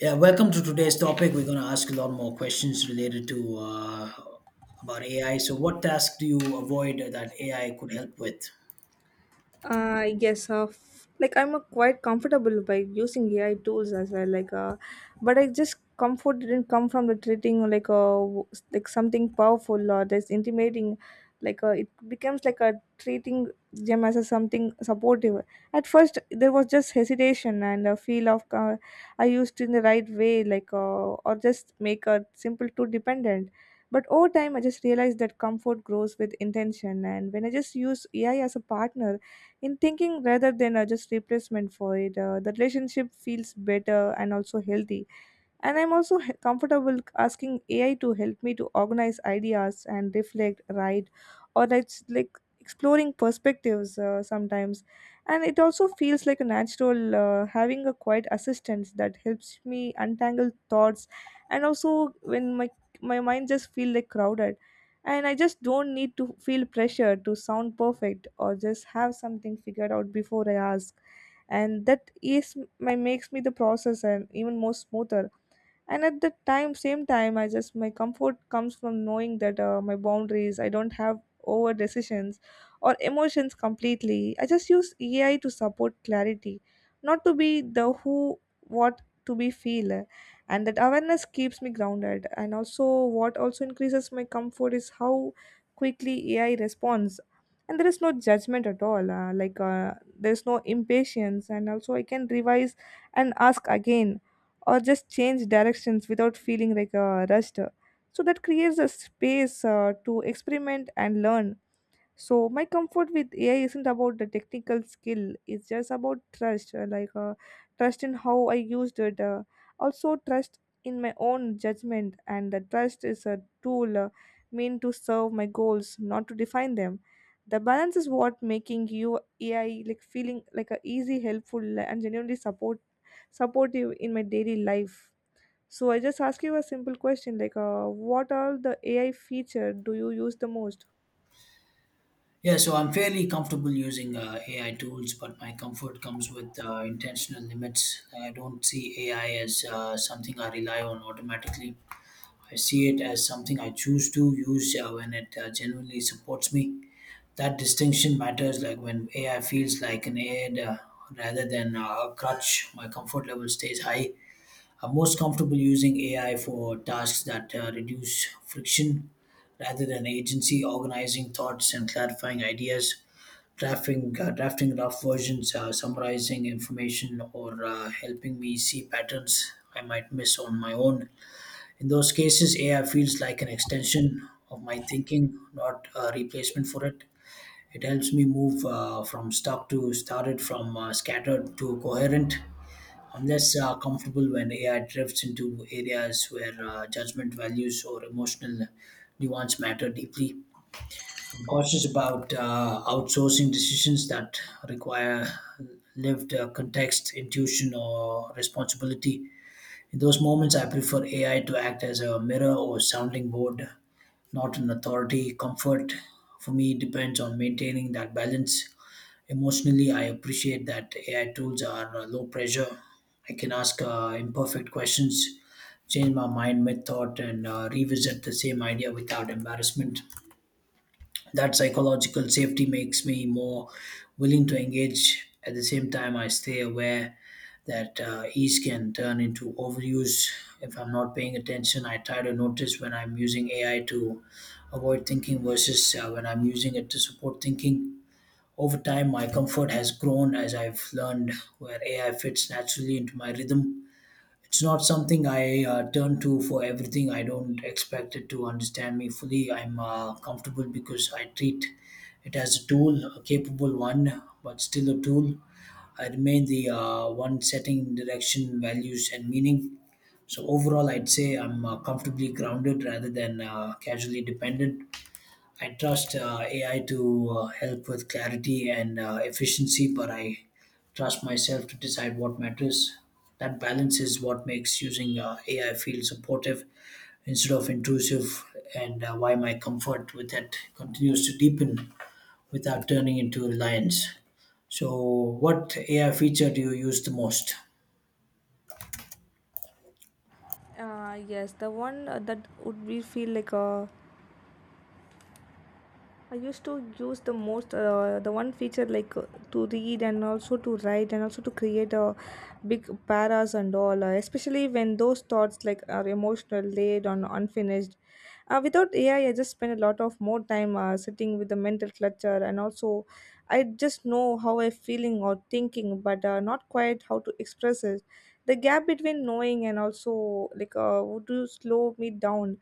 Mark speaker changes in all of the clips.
Speaker 1: Yeah, welcome to today's topic. We're going to ask a lot more questions related to about AI. So, what task do you avoid that AI could help with?
Speaker 2: Like I'm quite comfortable by using AI tools as well. But I just comfort didn't come from the treating like a like something powerful or that's intimidating. It becomes like a treating them as a something supportive. At first, there was just hesitation and a feel of I used in the right way, or just make a simple too dependent. But over time, I just realized that comfort grows with intention, and when I just use AI as a partner in thinking rather than just replacement for it, the relationship feels better and also healthy, and I'm also comfortable asking AI to help me to organize ideas and reflect, write, or that's like exploring perspectives sometimes. And it also feels like a natural, having a quiet assistance that helps me untangle thoughts, and also when my mind just feel like crowded, and I just don't need to feel pressure to sound perfect or just have something figured out before I ask, and that is my makes me the process and even more smoother. And at the time same time I just my comfort comes from knowing that my boundaries I don't have over decisions or emotions completely. I just use AI to support clarity, not to be the who what to be feel, and that awareness keeps me grounded. And also what also increases my comfort is how quickly AI responds, and there is no judgment at all, there's no impatience, and also I can revise and ask again or just change directions without feeling like rushed. So that creates a space to experiment and learn. So my comfort with AI isn't about the technical skill; it's just about trust, trust in how I used it, also trust in my own judgment, and the trust is a tool, meant to serve my goals, not to define them. The balance is what making you AI like feeling like a easy, helpful, and genuinely supportive in my daily life. So I just ask you a simple question like, what are the AI feature do you use the most?
Speaker 1: Yeah, so I'm fairly comfortable using AI tools, but my comfort comes with intentional limits. I don't see AI as something I rely on automatically. I see it as something I choose to use when it genuinely supports me. That distinction matters, like when AI feels like an aid, rather than a crutch, my comfort level stays high. I'm most comfortable using AI for tasks that reduce friction rather than agency, organizing thoughts and clarifying ideas, drafting rough versions, summarizing information, or helping me see patterns I might miss on my own. In those cases, AI feels like an extension of my thinking, not a replacement for it. It helps me move from stuck to started, from scattered to coherent. I'm less comfortable when AI drifts into areas where judgment, values, or emotional nuance matter deeply. I'm cautious about outsourcing decisions that require lived context, intuition, or responsibility. In those moments, I prefer AI to act as a mirror or sounding board, not an authority. Comfort for me depends on maintaining that balance. Emotionally, I appreciate that AI tools are low pressure. I can ask imperfect questions, change my mind mid thought, and revisit the same idea without embarrassment. That psychological safety makes me more willing to engage. At the same time, I stay aware that ease can turn into overuse if I'm not paying attention. I try to notice when I'm using AI to avoid thinking versus when I'm using it to support thinking. Over time my comfort has grown as I've learned where AI fits naturally into my rhythm. It's not something I turn to for everything. I don't expect it to understand me fully. I'm comfortable because I treat it as a tool, a capable one, but still a tool. I remain the one setting direction, values, and meaning. So overall, I'd say I'm comfortably grounded rather than casually dependent. I trust AI to help with clarity and efficiency, but I trust myself to decide what matters. That balance is what makes using AI feel supportive instead of intrusive, and why my comfort with it continues to deepen without turning into reliance. So, what AI feature do you use the most?
Speaker 2: Yes, the one that would be feel like I used to use the most the one feature like to read and also to write and also to create a big paras and all, especially when those thoughts like are emotional, laid on unfinished. Without AI, I just spend a lot of more time sitting with the mental clutter, and also I just know how I'm feeling or thinking, but not quite how to express it. The gap between knowing and also like would you slow me down.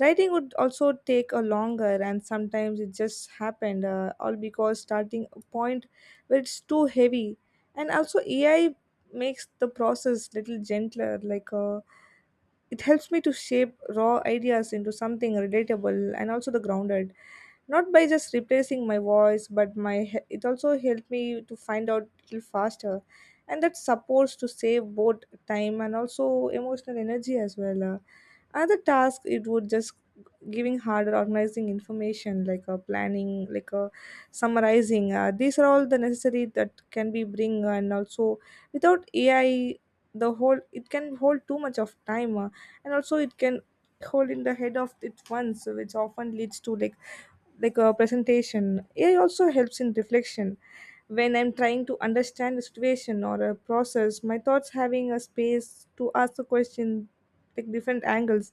Speaker 2: Writing would also take a longer, and sometimes it just happened all because starting a point where it's too heavy. And also AI makes the process little gentler. It helps me to shape raw ideas into something relatable and also the grounded. Not by just replacing my voice, but my it also helped me to find out little faster, and that's supposed to save both time and also emotional energy as well. Other task it would just giving harder organizing information, like a planning, like a summarizing, these are all the necessary that can be bring, and also without AI the whole it can hold too much of time, and also it can hold in the head of it once, which often leads to like a presentation. AI also helps in reflection. When I'm trying to understand a situation or a process, my thoughts having a space to ask the question like different angles,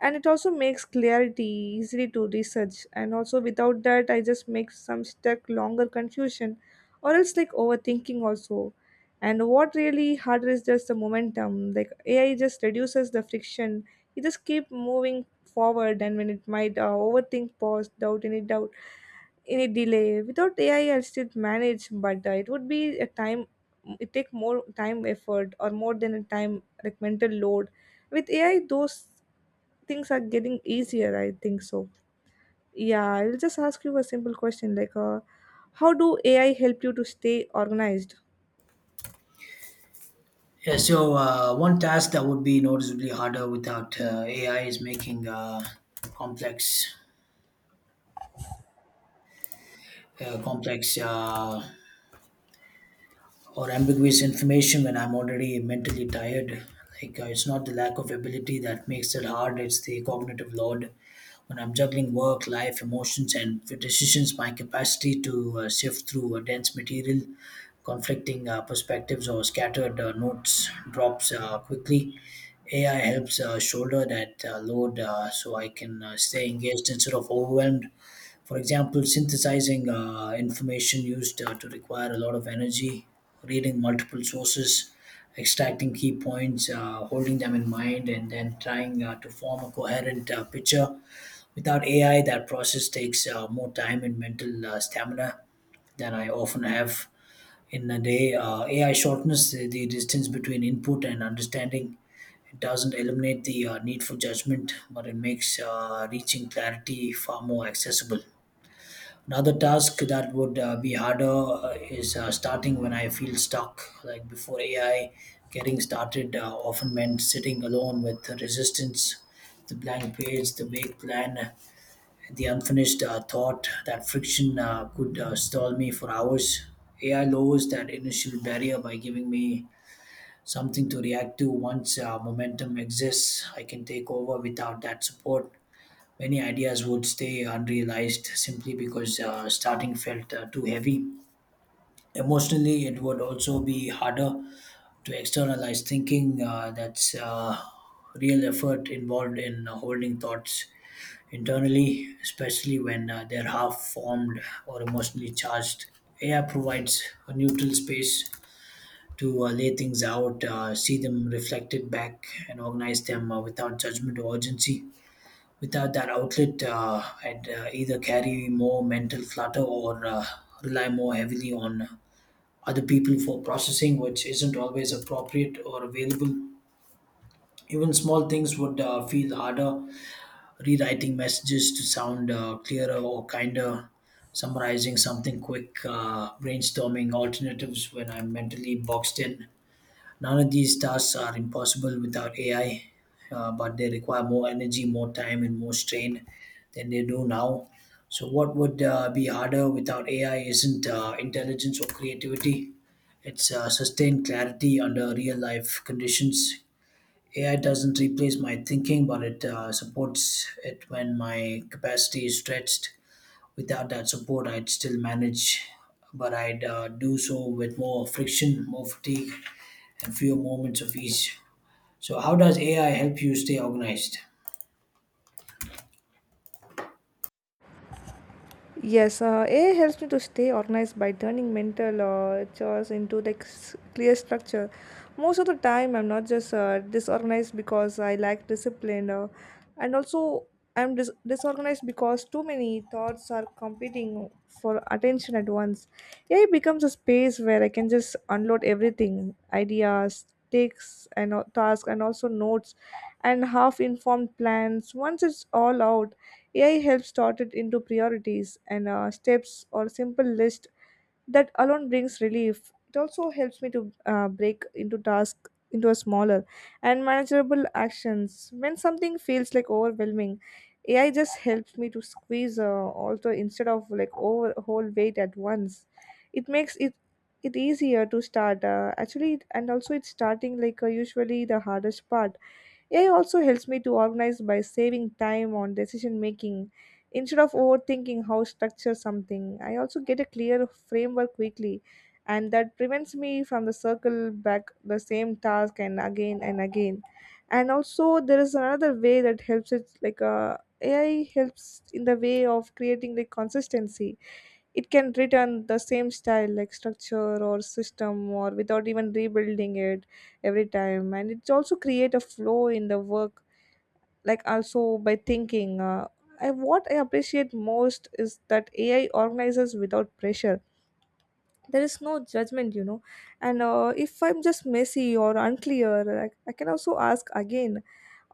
Speaker 2: and it also makes clarity easily to research. And also without that I just make some stuck longer confusion or else like overthinking also. And what really harder is just the momentum. Like AI just reduces the friction, you just keep moving forward. And when it might overthink pause doubt any delay, without AI I'll still manage, but it would be a time, it take more time effort or more than a time like mental load. With AI, those things are getting easier, I think so. Yeah, I'll just ask you a simple question like, how do AI help you to stay organized?
Speaker 1: Yeah, so one task that would be noticeably harder without AI is making complex, complex or ambiguous information when I'm already mentally tired. Like it's not the lack of ability that makes it hard; it's the cognitive load. When I'm juggling work, life, emotions, and decisions, my capacity to sift through a dense material, conflicting perspectives, or scattered notes drops quickly. AI helps shoulder that load so I can stay engaged instead of overwhelmed. For example, synthesizing information used to require a lot of energy, reading multiple sources, extracting key points, holding them in mind, and then trying to form a coherent picture. Without AI, that process takes more time and mental stamina than I often have in a day. AI shortens the distance between input and understanding. It doesn't eliminate the need for judgment, but it makes reaching clarity far more accessible. Another task that would be harder is starting when I feel stuck. Like before AI, getting started often meant sitting alone with resistance, the blank page, the vague plan, the unfinished thought. That friction could stall me for hours. AI lowers that initial barrier by giving me something to react to. Once momentum exists, I can take over without that support. Many ideas would stay unrealized simply because starting felt too heavy. Emotionally, it would also be harder to externalize thinking. That's real effort involved in holding thoughts internally, especially when they're half formed or emotionally charged. AI provides a neutral space to lay things out, see them reflected back, and organize them without judgment or urgency. Without that outlet, I'd either carry more mental clutter or rely more heavily on other people for processing, which isn't always appropriate or available. Even small things would feel harder. Rewriting messages to sound clearer or kinder, summarizing something quick, brainstorming alternatives when I'm mentally boxed in. None of these tasks are impossible without AI, but they require more energy, more time, and more strain than they do now. So, what would be harder without AI isn't intelligence or creativity, it's sustained clarity under real life conditions. AI doesn't replace my thinking, but it supports it when my capacity is stretched. Without that support, I'd still manage, but I'd do so with more friction, more fatigue, and fewer moments of ease. So, how does AI help you stay organized?
Speaker 2: Yes, AI helps me to stay organized by turning mental chores into like clear structure. Most of the time, I'm not just disorganized because I lack discipline, and also I'm disorganized because too many thoughts are competing for attention at once. AI becomes a space where I can just unload everything, ideas, takes and tasks, and also notes, and half-informed plans. Once it's all out, AI helps sort it into priorities and steps or simple list. That alone brings relief. It also helps me to break into tasks into a smaller and manageable actions. When something feels like overwhelming, AI just helps me to squeeze also instead of like over whole weight at once. It makes it easier to start actually, and also it's starting like usually the hardest part. AI also helps me to organize by saving time on decision making. Instead of overthinking how structure something, I also get a clear framework quickly, and that prevents me from the circle back the same task and again and again. And also, there is another way that helps it like AI helps in the way of creating the consistency. It can return the same style like structure or system or without even rebuilding it every time, and it's also create a flow in the work like also by thinking what I appreciate most is that AI organizes without pressure. There is no judgment, you know. And if I'm just messy or unclear, I can also ask again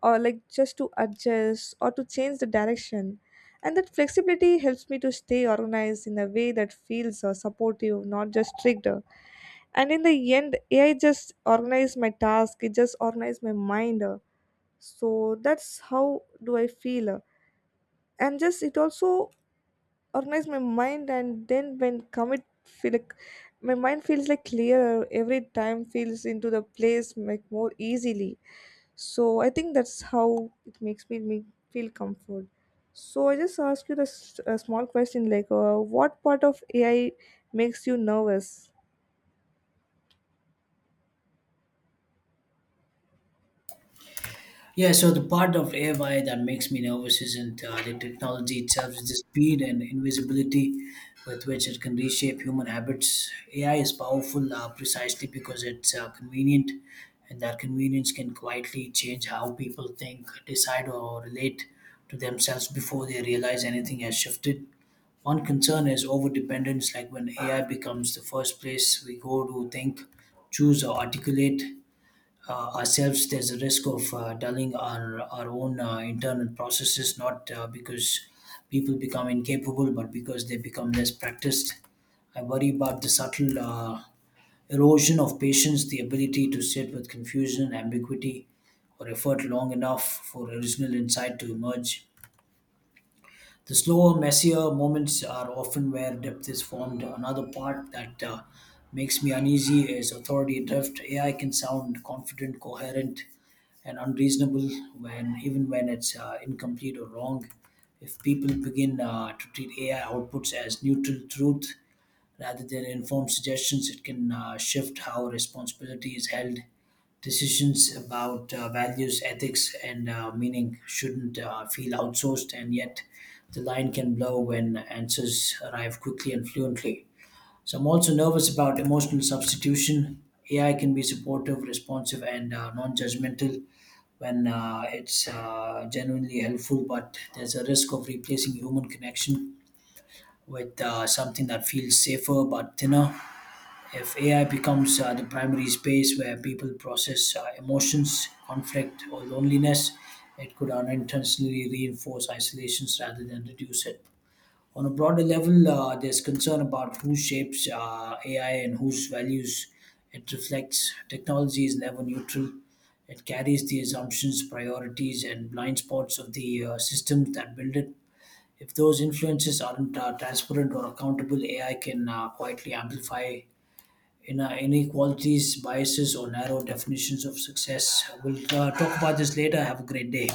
Speaker 2: or like just to adjust or to change the direction. And that flexibility helps me to stay organized in a way that feels supportive, not just strict. And in the end, AI just organize my task, it just organize my mind. So that's how do I feel. And just it also organize my mind, and then when commit feel like my mind feels like clearer, every time feels into the place like more easily. So I think that's how it makes me feel comfort. So I just ask you this a small question like, what part of AI makes you nervous?
Speaker 1: Yeah, so the part of AI that makes me nervous isn't the technology itself, it's the speed and invisibility with which it can reshape human habits. AI is powerful precisely because it's convenient, and that convenience can quietly change how people think, decide, or relate to themselves before they realize anything has shifted. One concern is overdependence, like when AI becomes the first place we go to think, choose, or articulate ourselves. There's a risk of dulling our own internal processes, not because people become incapable, but because they become less practiced. I worry about the subtle erosion of patience, the ability to sit with confusion, ambiguity, or effort long enough for original insight to emerge. The slower, messier moments are often where depth is formed. Another part that makes me uneasy is authority drift. AI can sound confident, coherent, and unreasonable when even when it's incomplete or wrong. If people begin to treat AI outputs as neutral truth rather than informed suggestions, it can shift how responsibility is held. Decisions about values, ethics, and meaning shouldn't feel outsourced, and yet the line can blur when answers arrive quickly and fluently. So I'm also nervous about emotional substitution. AI can be supportive, responsive, and non judgmental when it's genuinely helpful, but there's a risk of replacing human connection with something that feels safer but thinner. If AI becomes the primary space where people process emotions, conflict, or loneliness, it could unintentionally reinforce isolations rather than reduce it. On a broader level, there's concern about who shapes AI and whose values it reflects. Technology is never neutral. It carries the assumptions, priorities, and blind spots of the systems that build it. If those influences aren't transparent or accountable, AI can quietly amplify in inequalities, biases, or narrow definitions of success. We'll talk about this later. Have a great day.